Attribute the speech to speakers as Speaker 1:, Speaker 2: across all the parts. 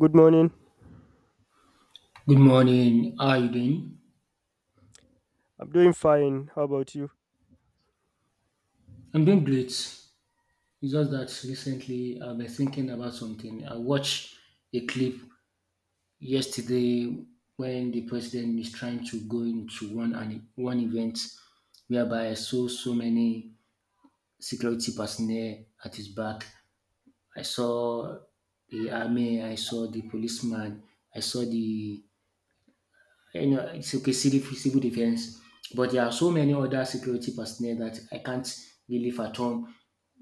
Speaker 1: Good morning.
Speaker 2: Good morning. How are you doing?
Speaker 1: I'm doing fine. How about you?
Speaker 2: I'm doing great. It's just that recently I've been thinking about something. I watched a clip yesterday when the president is trying to go into one event whereby I saw so many security personnel at his back. I saw the army, I saw the policeman, I saw the it's okay, civil defense. But there are so many other security personnel that I can't really fathom.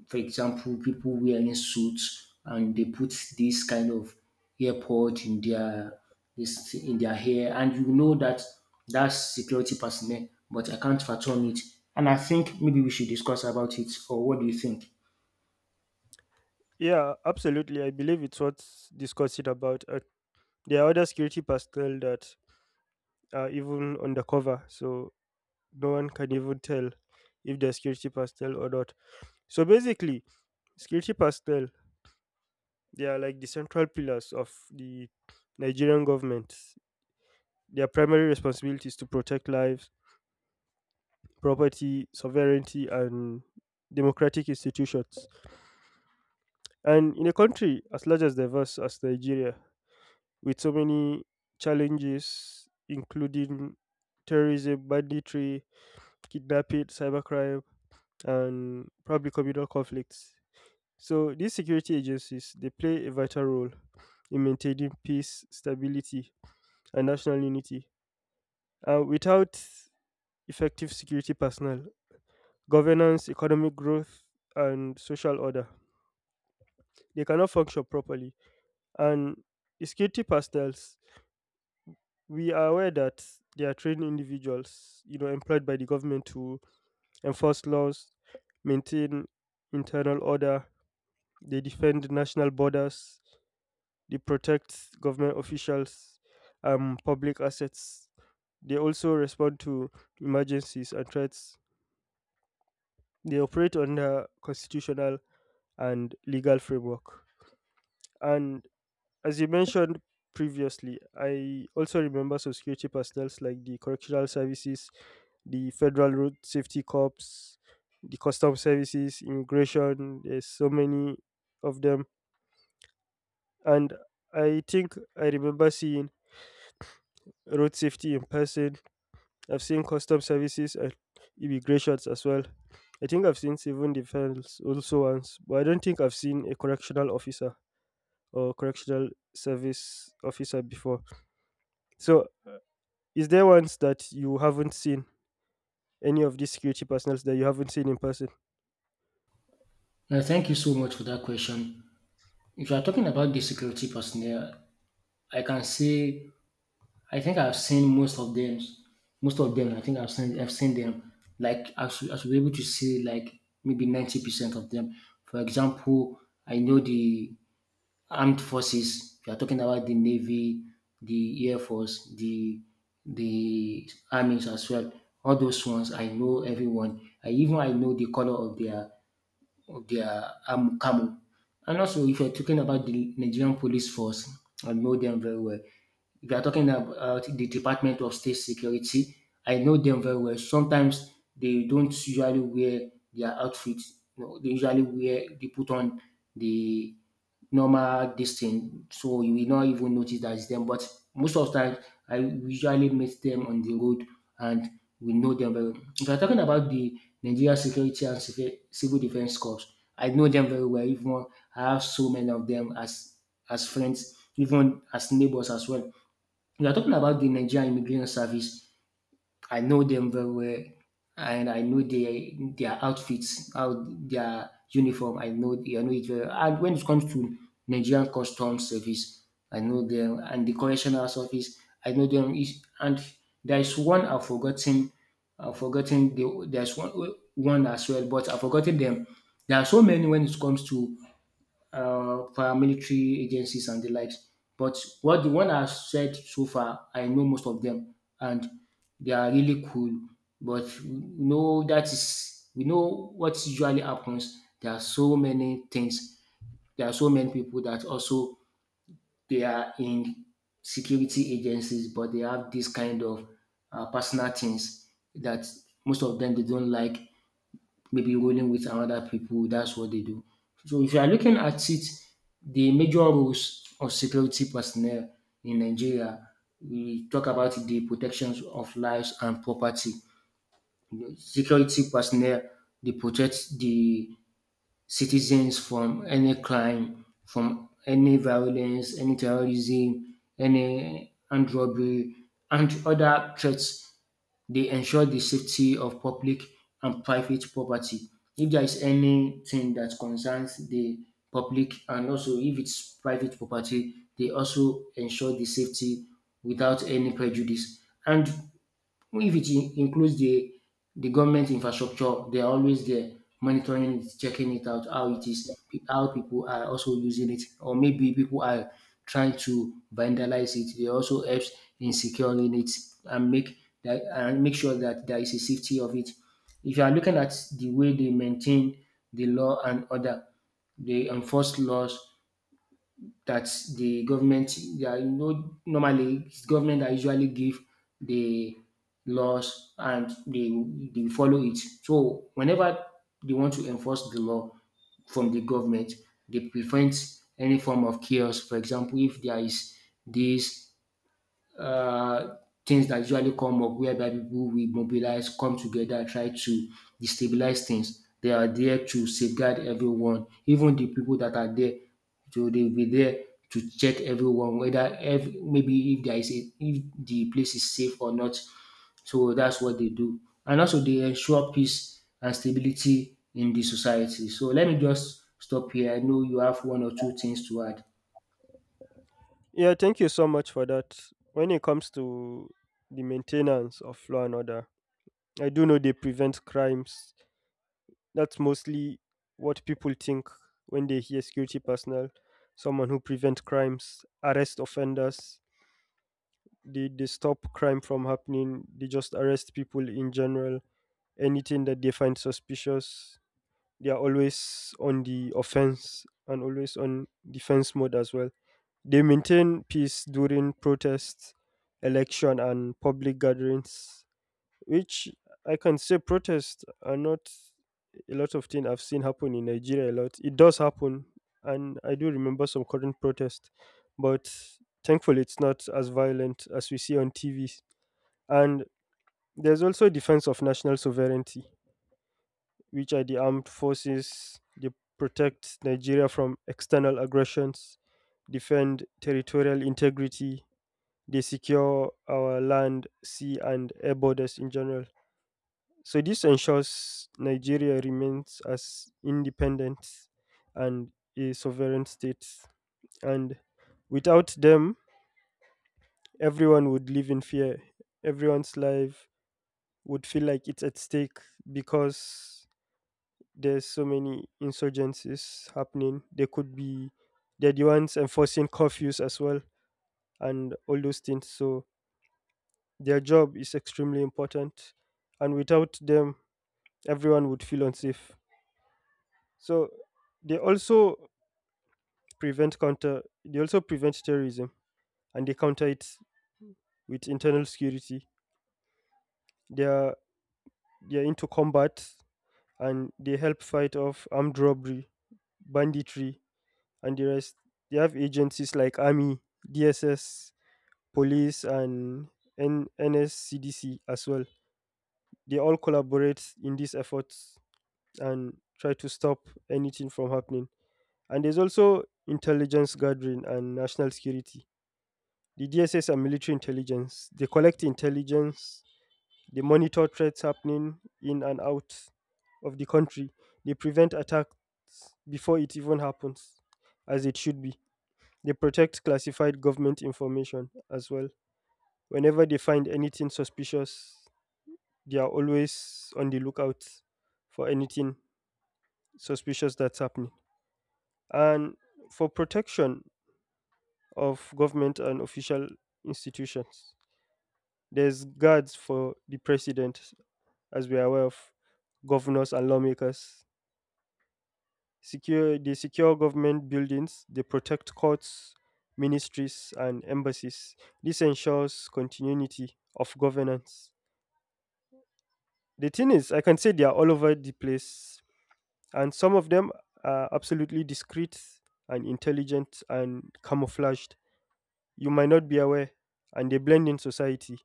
Speaker 2: For example, people wearing suits and they put this kind of earpod in their hair, and you know that's security personnel, but I can't fathom it. And I think maybe we should discuss about it, or what do you think?
Speaker 1: Yeah, absolutely. I believe it's worth discussing about. There are other security personnel that are even undercover, so no one can even tell if they're security personnel or not. So basically, security personnel. They are like the central pillars of the Nigerian government. Their primary responsibility is to protect lives, property, sovereignty, and democratic institutions. And in a country as large as diverse as Nigeria, with so many challenges, including terrorism, banditry, kidnapping, cybercrime, and probably communal conflicts. So these security agencies they play a vital role in maintaining peace, stability, and national unity. Without effective security personnel, governance, economic growth, and social order, they cannot function properly. And the security personnel, we are aware that they are trained individuals, employed by the government to enforce laws, maintain internal order, they defend national borders, they protect government officials, public assets. They also respond to emergencies and threats. They operate under constitutional and legal framework. And as you mentioned previously, I also remember some security personnel like the correctional services, the federal road safety corps, the custom services, immigration. There's so many of them, and I think I remember seeing road safety in person. I've seen custom services and immigrations as well. I think I've seen civil defense also once, but I don't think I've seen a correctional officer. Or correctional service officer before. So, is there ones that you haven't seen? Any of these security personnel that you haven't seen in person?
Speaker 2: Now, thank you so much for that question. If you are talking about the security personnel, I can say I think I've seen most of them. Most of them, I think I've seen. I've seen them. Like I should be able to see like maybe 90% of them. For example, I know the armed forces. We are talking about the navy, the air force, the armies as well. All those ones, I know everyone. I even I know the color of their arm camo. And also, if you're talking about the Nigerian police force, I know them very well. If you're talking about the Department of State Security, I know them very well. Sometimes they don't usually wear their outfits. No, they put on the normal distance, so you will not even notice that it's them. But most of the time, I usually meet them on the road, and we know them very well. If you're talking about the Nigeria Security and Civil Defense Corps, I know them very well. Even I have so many of them as friends, even as neighbors as well. If you're talking about the Nigerian Immigration Service, I know them very well, and I know their outfits, how their uniform. I know it very well. And when it comes to Nigerian Customs Service, I know them, and the Correctional Service, I know them. Is and there is one I've forgotten. I've forgotten there's one as well, but I've forgotten them. There are so many when it comes to paramilitary agencies and the likes. But what the one I've said so far, I know most of them, and they are really cool. But we know what usually happens. There are so many things. There are so many people that also they are in security agencies, but they have this kind of personal things that most of them they don't like maybe rolling with another people. That's what they do. So if you are looking at it, the major roles of security personnel in Nigeria, we talk about the protections of lives and property. Security personnel, they protect the citizens from any crime, from any violence, any terrorism, any armed robbery, and other threats. They ensure the safety of public and private property. If there is anything that concerns the public and also if it's private property, they also ensure the safety without any prejudice. And well, if it includes the government infrastructure, they are always there monitoring it, checking it out, how it is, how people are also using it, or maybe people are trying to vandalize it. They also helps in securing it and make sure that there is a safety of it. If you are looking at the way they maintain the law and order, they enforce laws that the government they are you know normally it's government that usually give the laws, and they follow it. So whenever they want to enforce the law from the government, they prevent any form of chaos. For example, if there is this uh, things that usually come up whereby people will mobilize, come together, try to destabilize things. They are there to safeguard everyone, even the people that are there. So they will be there to check everyone, whether maybe if there is if the place is safe or not. So that's what they do. And also they ensure peace and stability in the society. So let me just stop here. I know you have one or two things to add.
Speaker 1: Yeah, thank you so much for that. When it comes to the maintenance of law and order, I do know they prevent crimes. That's mostly what people think when they hear security personnel, someone who prevent crimes, arrest offenders. They stop crime from happening. They just arrest people in general. Anything that they find suspicious. They are always on the offense and always on defense mode as well. They maintain peace during protests, election, and public gatherings, which I can say protests are not a lot of things I've seen happen in Nigeria a lot. It does happen, and I do remember some current protest, but thankfully it's not as violent as we see on TV. And there's also defense of national sovereignty which are the armed forces. They protect Nigeria from external aggressions, defend territorial integrity, they secure our land, sea, and air borders in general. So, this ensures Nigeria remains as independent and a sovereign state. And without them, everyone would live in fear. Everyone's life would feel like it's at stake because there's so many insurgencies happening. They could be they're the ones enforcing curfews as well and all those things. So their job is extremely important, and without them, everyone would feel unsafe. So they also prevent counter. They also prevent terrorism and they counter it with internal security. They are they are into combat and they help fight off armed robbery, banditry, and the rest. They have agencies like army, DSS, police and NSCDC as well. They all collaborate in these efforts and try to stop anything from happening. And there's also intelligence gathering and national security. The DSS and military intelligence, they collect intelligence, they monitor threats happening in and out of the country. They prevent attacks before it even happens, as it should be. They protect classified government information as well. Whenever they find anything suspicious, they are always on the lookout for anything suspicious that's happening. And for protection of government and official institutions, there's guards for the president, as we are aware of, governors and lawmakers. Secure they secure government buildings, they protect courts, ministries and embassies. This ensures continuity of governance. The thing is, I can say they are all over the place and some of them are absolutely discreet and intelligent and camouflaged. You might not be aware, and they blend in society.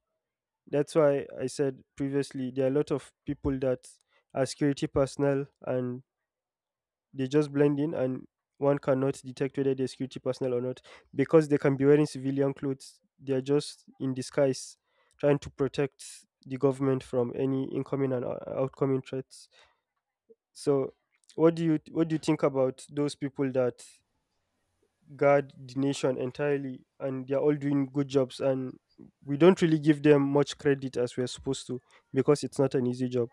Speaker 1: That's why I said previously there are a lot of people that are security personnel and they just blend in, and one cannot detect whether they're security personnel or not because they can be wearing civilian clothes. They are just in disguise, trying to protect the government from any incoming and outcoming threats. So, what do you think about those people that guard the nation entirely and they're all doing good jobs and we don't really give them much credit as we're supposed to because it's not an easy job.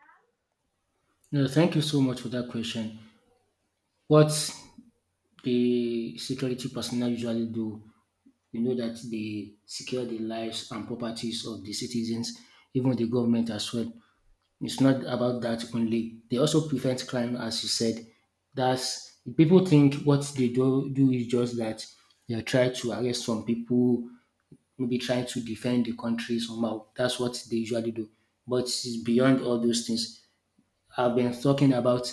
Speaker 2: No, thank you so much for that question. What the security personnel usually do. You know that they secure the lives and properties of the citizens, even the government as well. It's not about that only. They also prevent crime, as you said. That's people think what they do is just that they try to arrest some people, maybe trying to defend the country somehow. That's what they usually do. But it's beyond all those things I've been talking about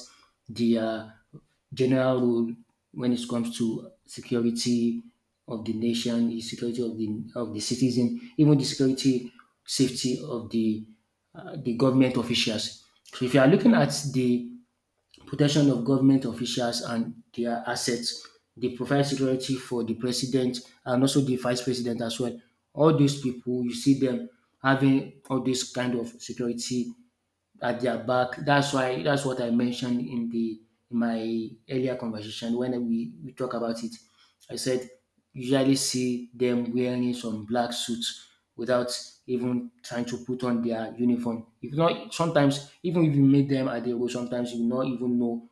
Speaker 2: the general rule when it comes to security of the nation, the security of the citizen, even the security safety of the government officials. So if you are looking at the protection of government officials and their assets, they provide security for the president and also the vice president as well. All these people, you see them having all this kind of security at their back. That's what I mentioned in the in my earlier conversation when we talk about it. I said usually see them wearing some black suits without even trying to put on their uniform. If not sometimes even if you meet them at the road, sometimes you not even know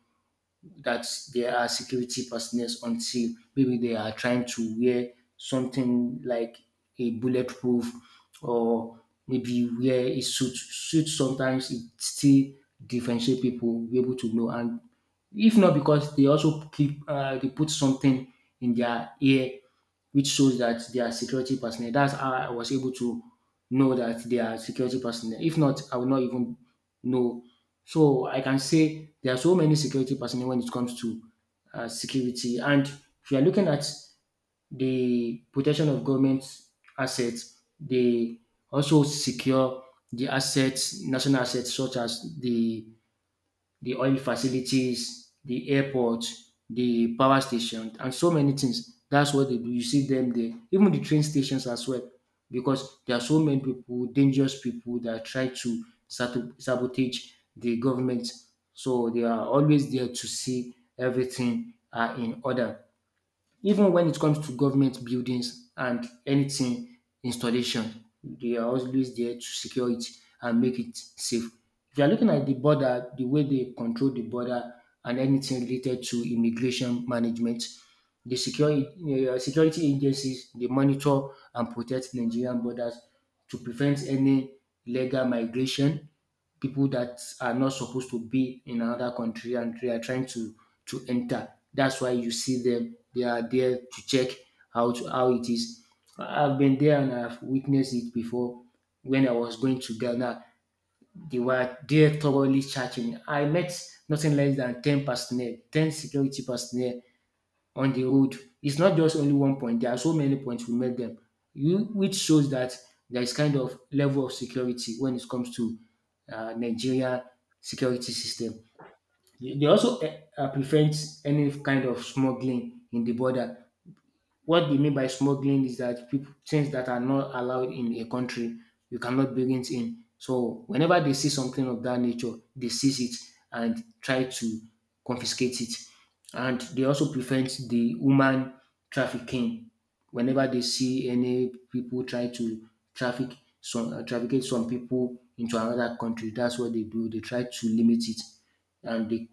Speaker 2: that there are security personnel until maybe they are trying to wear something like a bulletproof or maybe wear a suit. Suit sometimes it still differentiate people, be able to know. And if not because they also keep they put something in their ear which shows that they are security personnel. That's how I was able to know that they are security personnel. If not, I would not even know. So I can say there are so many security personnel when it comes to security. And if you are looking at the protection of government assets, they also secure the assets, national assets such as the oil facilities, the airport, the power station and so many things. That's what they do. You see them there. Even the train stations as well, because there are so many people, dangerous people that try to sabotage the government. So they are always there to see everything are in order. Even when it comes to government buildings and anything installation, they are always there to secure it and make it safe. If you are looking at the border, the way they control the border and anything related to immigration management, the security agencies, they monitor and protect Nigerian borders to prevent any illegal migration, people that are not supposed to be in another country and they are trying to enter. That's why you see them. They are there to check how it is. I've been there and I've witnessed it before. When I was going to Ghana, they were there thoroughly charging. I met nothing less than 10 personnel, 10 security personnel on the road. It's not just only one point. There are so many points we met them, you, which shows that there is kind of level of security when it comes to Nigeria security system. They also prevent any kind of smuggling in the border. What they mean by smuggling is that people, things that are not allowed in a country, you cannot bring it in. So whenever they see something of that nature, they seize it and try to confiscate it. And they also prevent the human trafficking. Whenever they see any people try to trafficate some people into another country, that's what they do. They try to limit it and they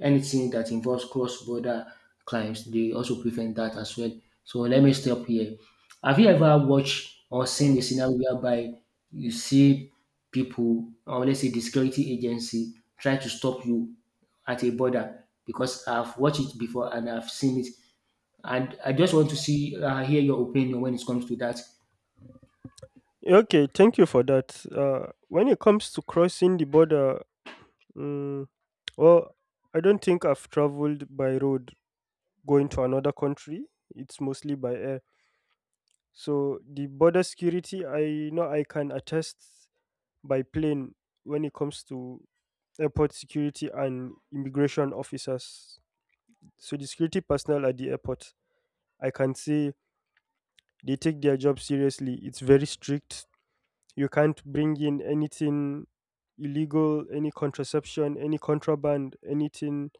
Speaker 2: anything that involves cross-border crimes, they also prevent that as well. So let me stop here. Have you ever watched or seen a scenario whereby you see people, or let's say the security agency, try to stop you at a border? Because I've watched it before and I've seen it. And I just want to hear your opinion when it comes to that.
Speaker 1: Okay, thank you for that. When it comes to crossing the border, mm well, I don't think I've traveled by road going to another country. It's mostly by air. So the border security, I know I can attest by plane when it comes to airport security and immigration officers. So the security personnel at the airport, I can say they take their job seriously. It's very strict. You can't bring in anything illegal, any contraception, any contraband, anything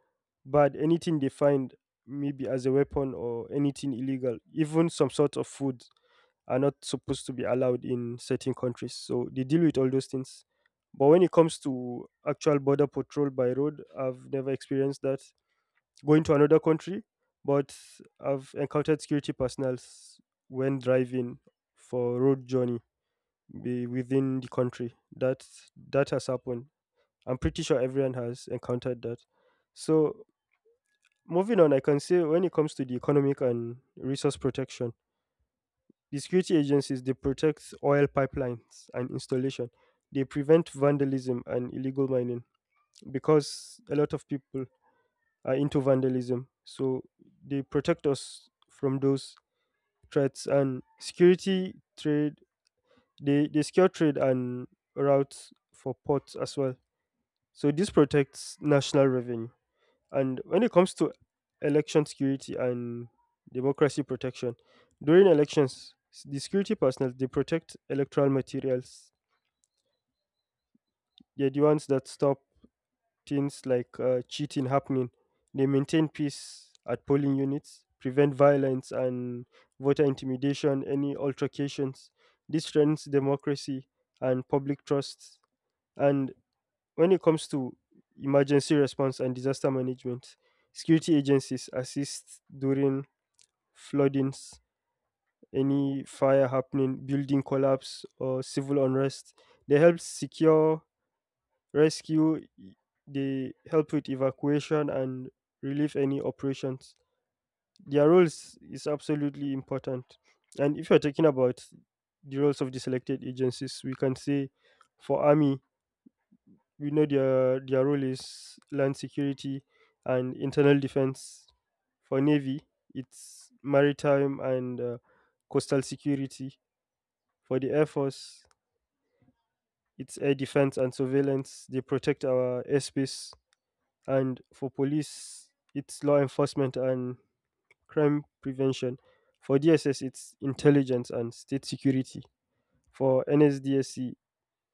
Speaker 1: bad, anything they find maybe as a weapon or anything illegal, even some sort of food are not supposed to be allowed in certain countries. So they deal with all those things. But when it comes to actual border patrol by road, I've never experienced that. Going to another country, but I've encountered security personnel when driving for road journey be within the country. That that has happened. I'm pretty sure everyone has encountered that. So moving on, I can say when it comes to the economic and resource protection, the security agencies they protect oil pipelines and installation. They prevent vandalism and illegal mining because a lot of people are into vandalism. So they protect us from those threats and security trade they secure trade and routes for ports as well. So this protects national revenue. And when it comes to election security and democracy protection, during elections, the security personnel they protect electoral materials. They're the ones that stop things like cheating happening. They maintain peace at polling units, prevent violence and voter intimidation, any altercations. This strengthens democracy and public trust. And when it comes to emergency response and disaster management, security agencies assist during floodings, any fire happening, building collapse, or civil unrest. They help secure rescue, they help with evacuation and relief. Any operations. Their roles is absolutely important. And if you're talking about the roles of the selected agencies, we can say for army, we know their role is land security and internal defense. For navy, it's maritime and coastal security. For the air force, it's air defense and surveillance. They protect our airspace. And for police, it's law enforcement and crime prevention. For DSS, it's intelligence and state security. For NSDSC,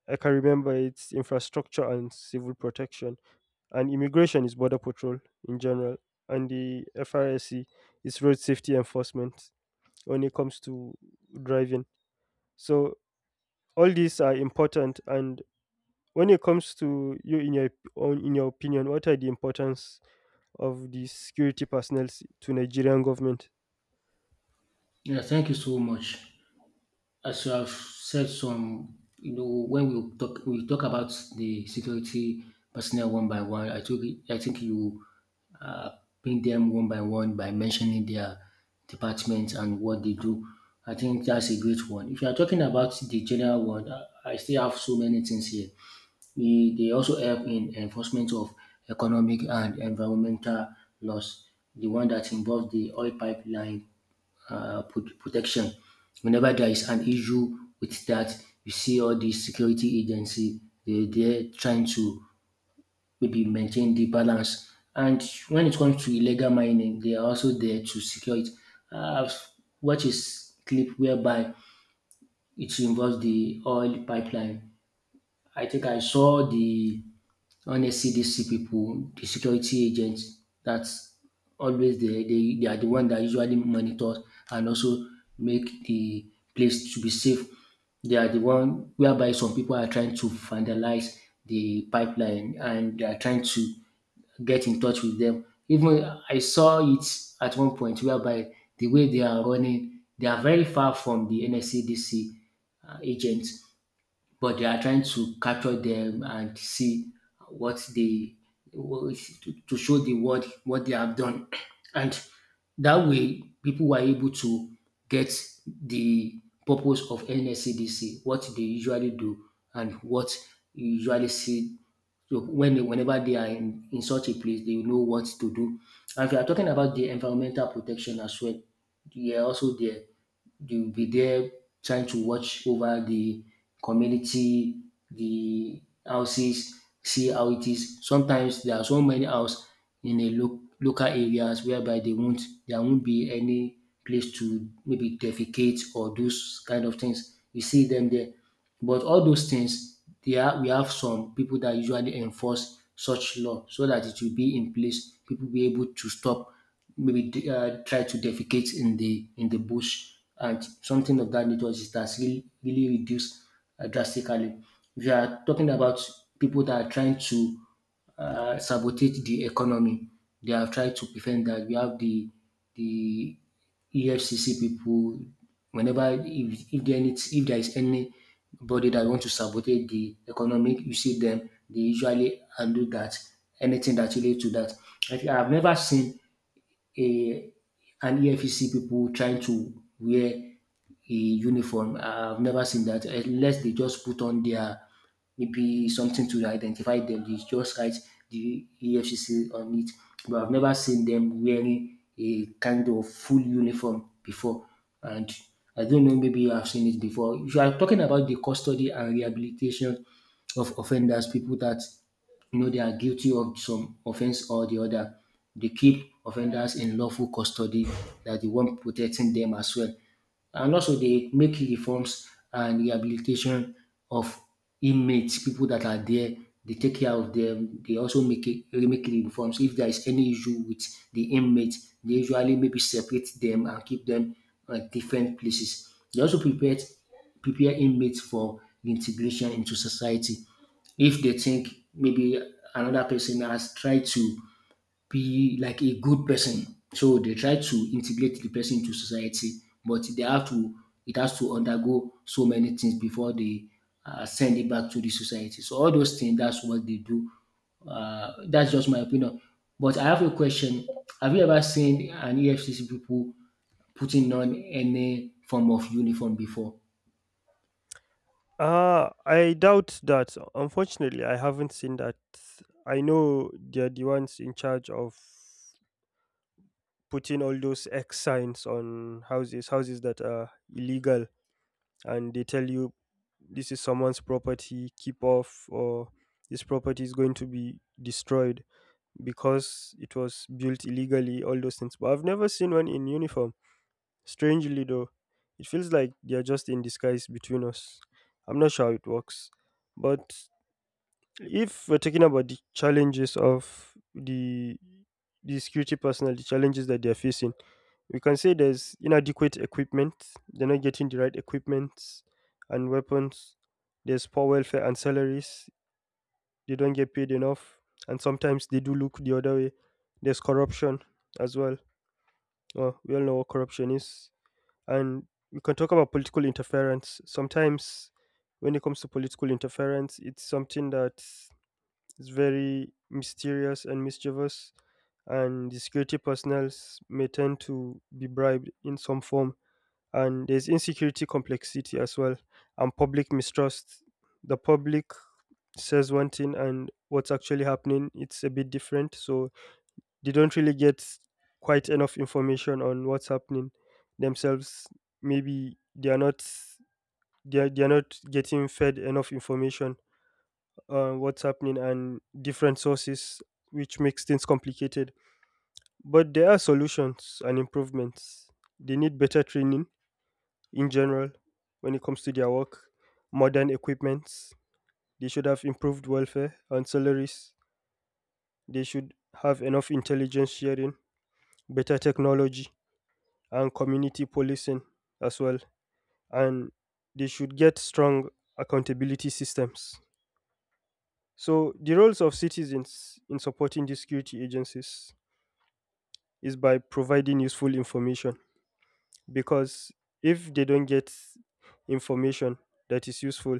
Speaker 1: I can remember it's infrastructure and civil protection and immigration is border patrol in general and the FRSC is road safety enforcement when it comes to driving. So all these are important and when it comes to you in your own in your opinion, what are the importance of the security personnel to Nigerian government?
Speaker 2: Yeah, thank you so much. As you have said some, when we talk about the security personnel one by one, I think you uh, bring them one by one by mentioning their departments and what they do. I think that's a great one. If you are talking about the general one, I still have so many things here. They also help in enforcement of economic and environmental laws. The one that involves the oil pipeline protection. Whenever there is an issue with that, you see all the security agency they're trying to maybe maintain the balance. And when it comes to illegal mining, they are also there to secure it. Uh, what is clip whereby It involves the oil pipeline. I think I saw the Honestly, these see people, the security agents, that's always they are the one that usually monitor and also make the place to be safe. They are the one whereby some people are trying to vandalize the pipeline and they are trying to get in touch with them. Even I saw it at one point whereby the way they are running, they are very far from the NSCDC agents, but they are trying to capture them and see what they to show the world what they have done and that way people were able to get the purpose of NSCDC, what they usually do and what you usually see. So when they, whenever they are in such a place, they know what to do. And if you are talking about the environmental protection as well, they are also there. They'll be there trying to watch over the community, the houses, see how it is. Sometimes there are so many houses in a local areas whereby they won't there won't be any place to maybe defecate or those kind of things. You see them there. But all those things, they are, we have some people that usually enforce such law so that it will be in place. People be able to stop maybe try to defecate in the bush, and something of that nature is that's really really reduced drastically. If you are talking about people that are trying to sabotage the economy, they have tried to prevent that. We have the EFCC people. Whenever if there needs, if there is anybody that want to sabotage the economy, you see them. They usually undo that, anything that relates to that. Like, I think I've never seen a, and EFCC people trying to wear a uniform. I've never seen that unless they just put on their maybe something to identify them. They just write the EFCC on it. But I've never seen them wearing a kind of full uniform before. And I don't know, maybe I've seen it before. If you are talking about the custody and rehabilitation of offenders, people that, you know, they are guilty of some offense or the other, they keep offenders in lawful custody, that the one protecting them as well. And also dey make reforms and rehabilitation of inmates, pipu dat are there, dey take care of dem, dey also make it make reforms if there is any issue wit de inmate. Dey usually maybe separate dem and keep dem on different places. Dey also prepare inmate for integration into society if dey think maybe another person has tried to be like a good person. So they try to integrate the person to society, but they have to, it has to undergo so many things before they send it back to the society. So all those things, that's what they do. That's just my opinion. But I have a question: have you ever seen an EFCC people putting on any form of uniform before?
Speaker 1: Ah, I doubt that. Unfortunately, I haven't seen that. I know they're the ones in charge of putting all those X signs on houses, houses that are illegal, and they tell you this is someone's property, keep off, or this property is going to be destroyed because it was built illegally, all those things. But I've never seen one in uniform. Strangely, though, it feels like they're just in disguise between us. I'm not sure how it works. But if we're talking about the challenges of the security personnel, the challenges that they're facing, we can say there's inadequate equipment, they're not getting the right equipment and weapons. There's poor welfare and salaries, they don't get paid enough, and sometimes they do look the other way. There's corruption as well. Well, we all know what corruption is. And we can talk about political interference. Sometimes, when it comes to political interference, it's something that is very mysterious and mischievous, and the security personnel may tend to be bribed in some form and there's insecurity complexity as well and public mistrust the public says one thing and what's actually happening it's a bit different so they don't really get quite enough information on what's happening themselves maybe they are not getting fed enough information on what's happening and different sources which makes things complicated but there are solutions and improvements they need better training in general when it comes to their work, modern equipments. They should have improved welfare and salaries. They should have enough intelligence sharing, better technology, and community policing as well. And they should get strong accountability systems. So, the roles of citizens in supporting the security agencies is by providing useful information because if they don't get information that is useful,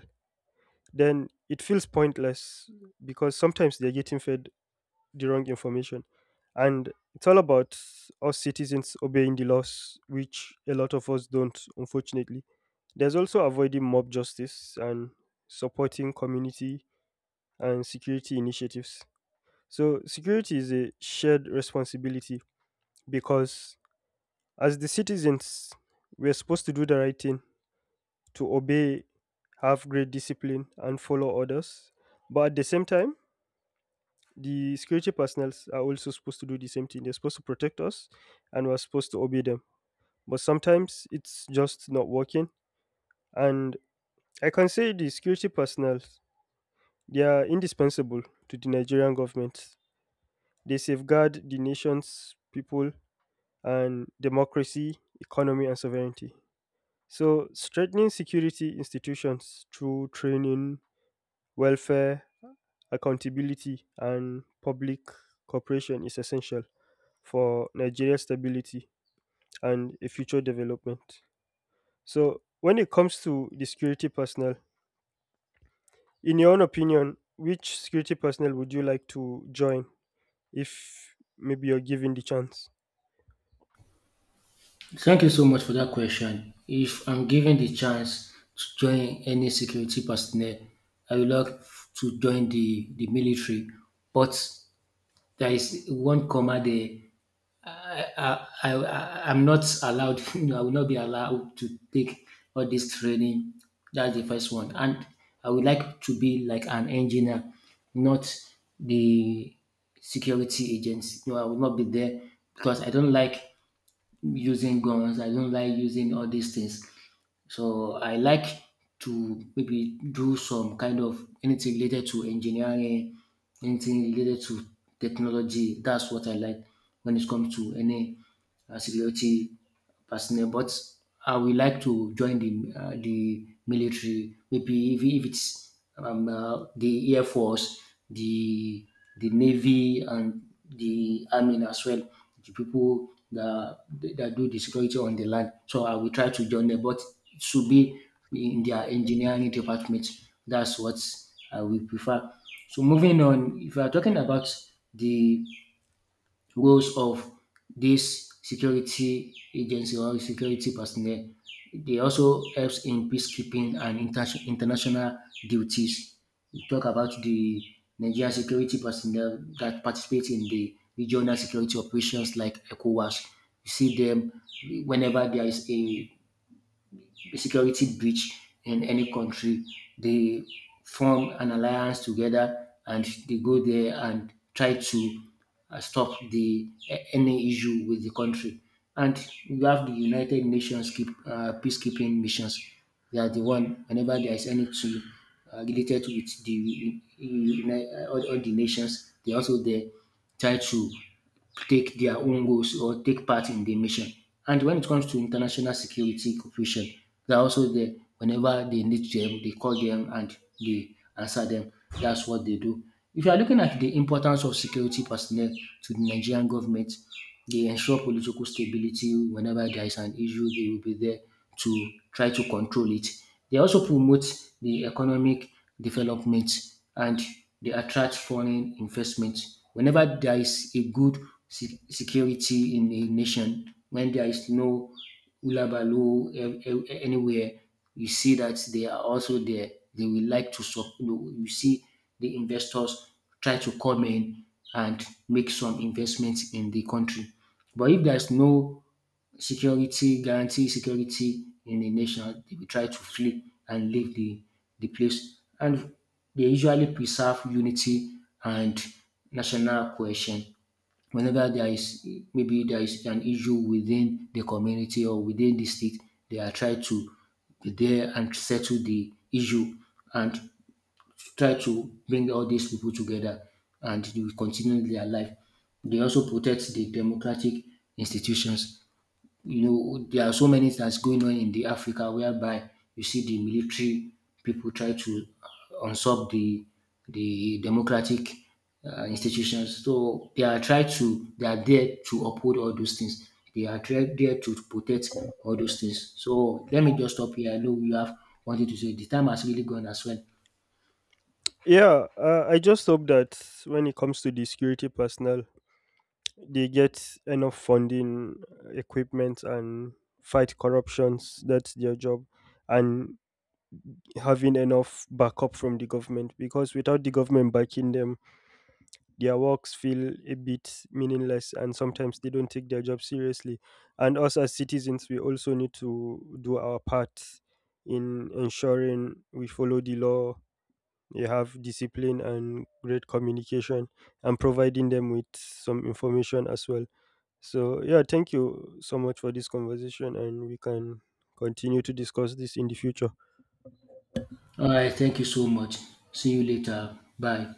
Speaker 1: then it feels pointless because sometimes they're getting fed the wrong information. And it's all about us citizens obeying the laws, which a lot of us don't, unfortunately. There's also avoiding mob justice and supporting community and security initiatives. So, security is a shared responsibility because as the citizens, we're supposed to do the right thing, to obey, have great discipline, and follow orders. But at the same time, the security personnel are also supposed to do the same thing. They're supposed to protect us and we're supposed to obey them. But sometimes it's just not working. And I can say the security personnel, they are indispensable to the Nigerian government. They safeguard the nation's people and democracy, economy, and sovereignty. So, strengthening security institutions through training, welfare, accountability, and public cooperation is essential for Nigeria's stability and a future development. So, when it comes to the security personnel, in your own opinion, which security personnel would you like to join if maybe you're given the chance?
Speaker 2: Thank you so much for that question. If I'm given the chance to join any security personnel, I would like to join the military. But there is one comma there. I'm not allowed, you know, I will not be allowed to take all this training. That's the first one. And I would like to be like an engineer, not the security agents. No, I will not be there because I don't like using guns. I don't like using all these things. So I like to maybe do some kind of anything related to engineering, anything related to technology. That's what I like when it comes to any security personnel, but I would like to join the military. Maybe if it's the air force, the the navy, and the army as well. The people that do the security on the land. So I will try to join them, but it should be in their engineering department. That's what I will prefer. So moving on, if you are talking about the roles of these security agency or security personnel. They also helps in peacekeeping and international duties. We talk about the Nigerian security personnel that participate in the regional security operations like ECOWAS. You see them whenever there is a security breach in any country, they form an alliance together and they go there and try to stop the any issue with the country. And you have the United Nations peacekeeping missions. They are the one whenever there is any issue related with the all the nations, they also there try to take their own goals or take part in the mission. And when it comes to international security cooperation, they're also there. Whenever they need them, they call them and they answer them. That's what they do. If you are looking at the importance of security personnel to the Nigerian government, they ensure political stability. Whenever there is an issue, they will be there to try to control it. They also promote the economic development, and they attract foreign investment. Whenever there is a good security in a nation, when there is no hullabaloo anywhere. You see that they are also there. They will like to you know, you see the investors try to come in and make some investments in the country. But if there's no security guarantee, security in a nation, they will try to flee and leave the place. And they usually preserve unity and national cohesion whenever there is maybe there is an issue within the community or within the state, they are trying to be there and settle the issue and try to bring all these people together and they will continue their life. They also protect the democratic institutions. You know, there are so many things going on in the Africa whereby you see the military people try to usurp the democratic institutions. So they are try to they are there to uphold all those things. There to protect all those things. So let me just stop here. I know you have wanted to say the time has really gone as well.
Speaker 1: Yeah, I just hope that when it comes to the security personnel, they get enough funding, equipment, and fight corruptions. That's their job, and having enough backup from the government because without the government backing them, their works feel a bit meaningless and sometimes they don't take their job seriously. And us as citizens, we also need to do our part in ensuring we follow the law, we have discipline and great communication, and providing them with some information as well. So, yeah, thank you so much for this conversation, and we can continue to discuss this in the future.
Speaker 2: All right, thank you so much. See you later. Bye.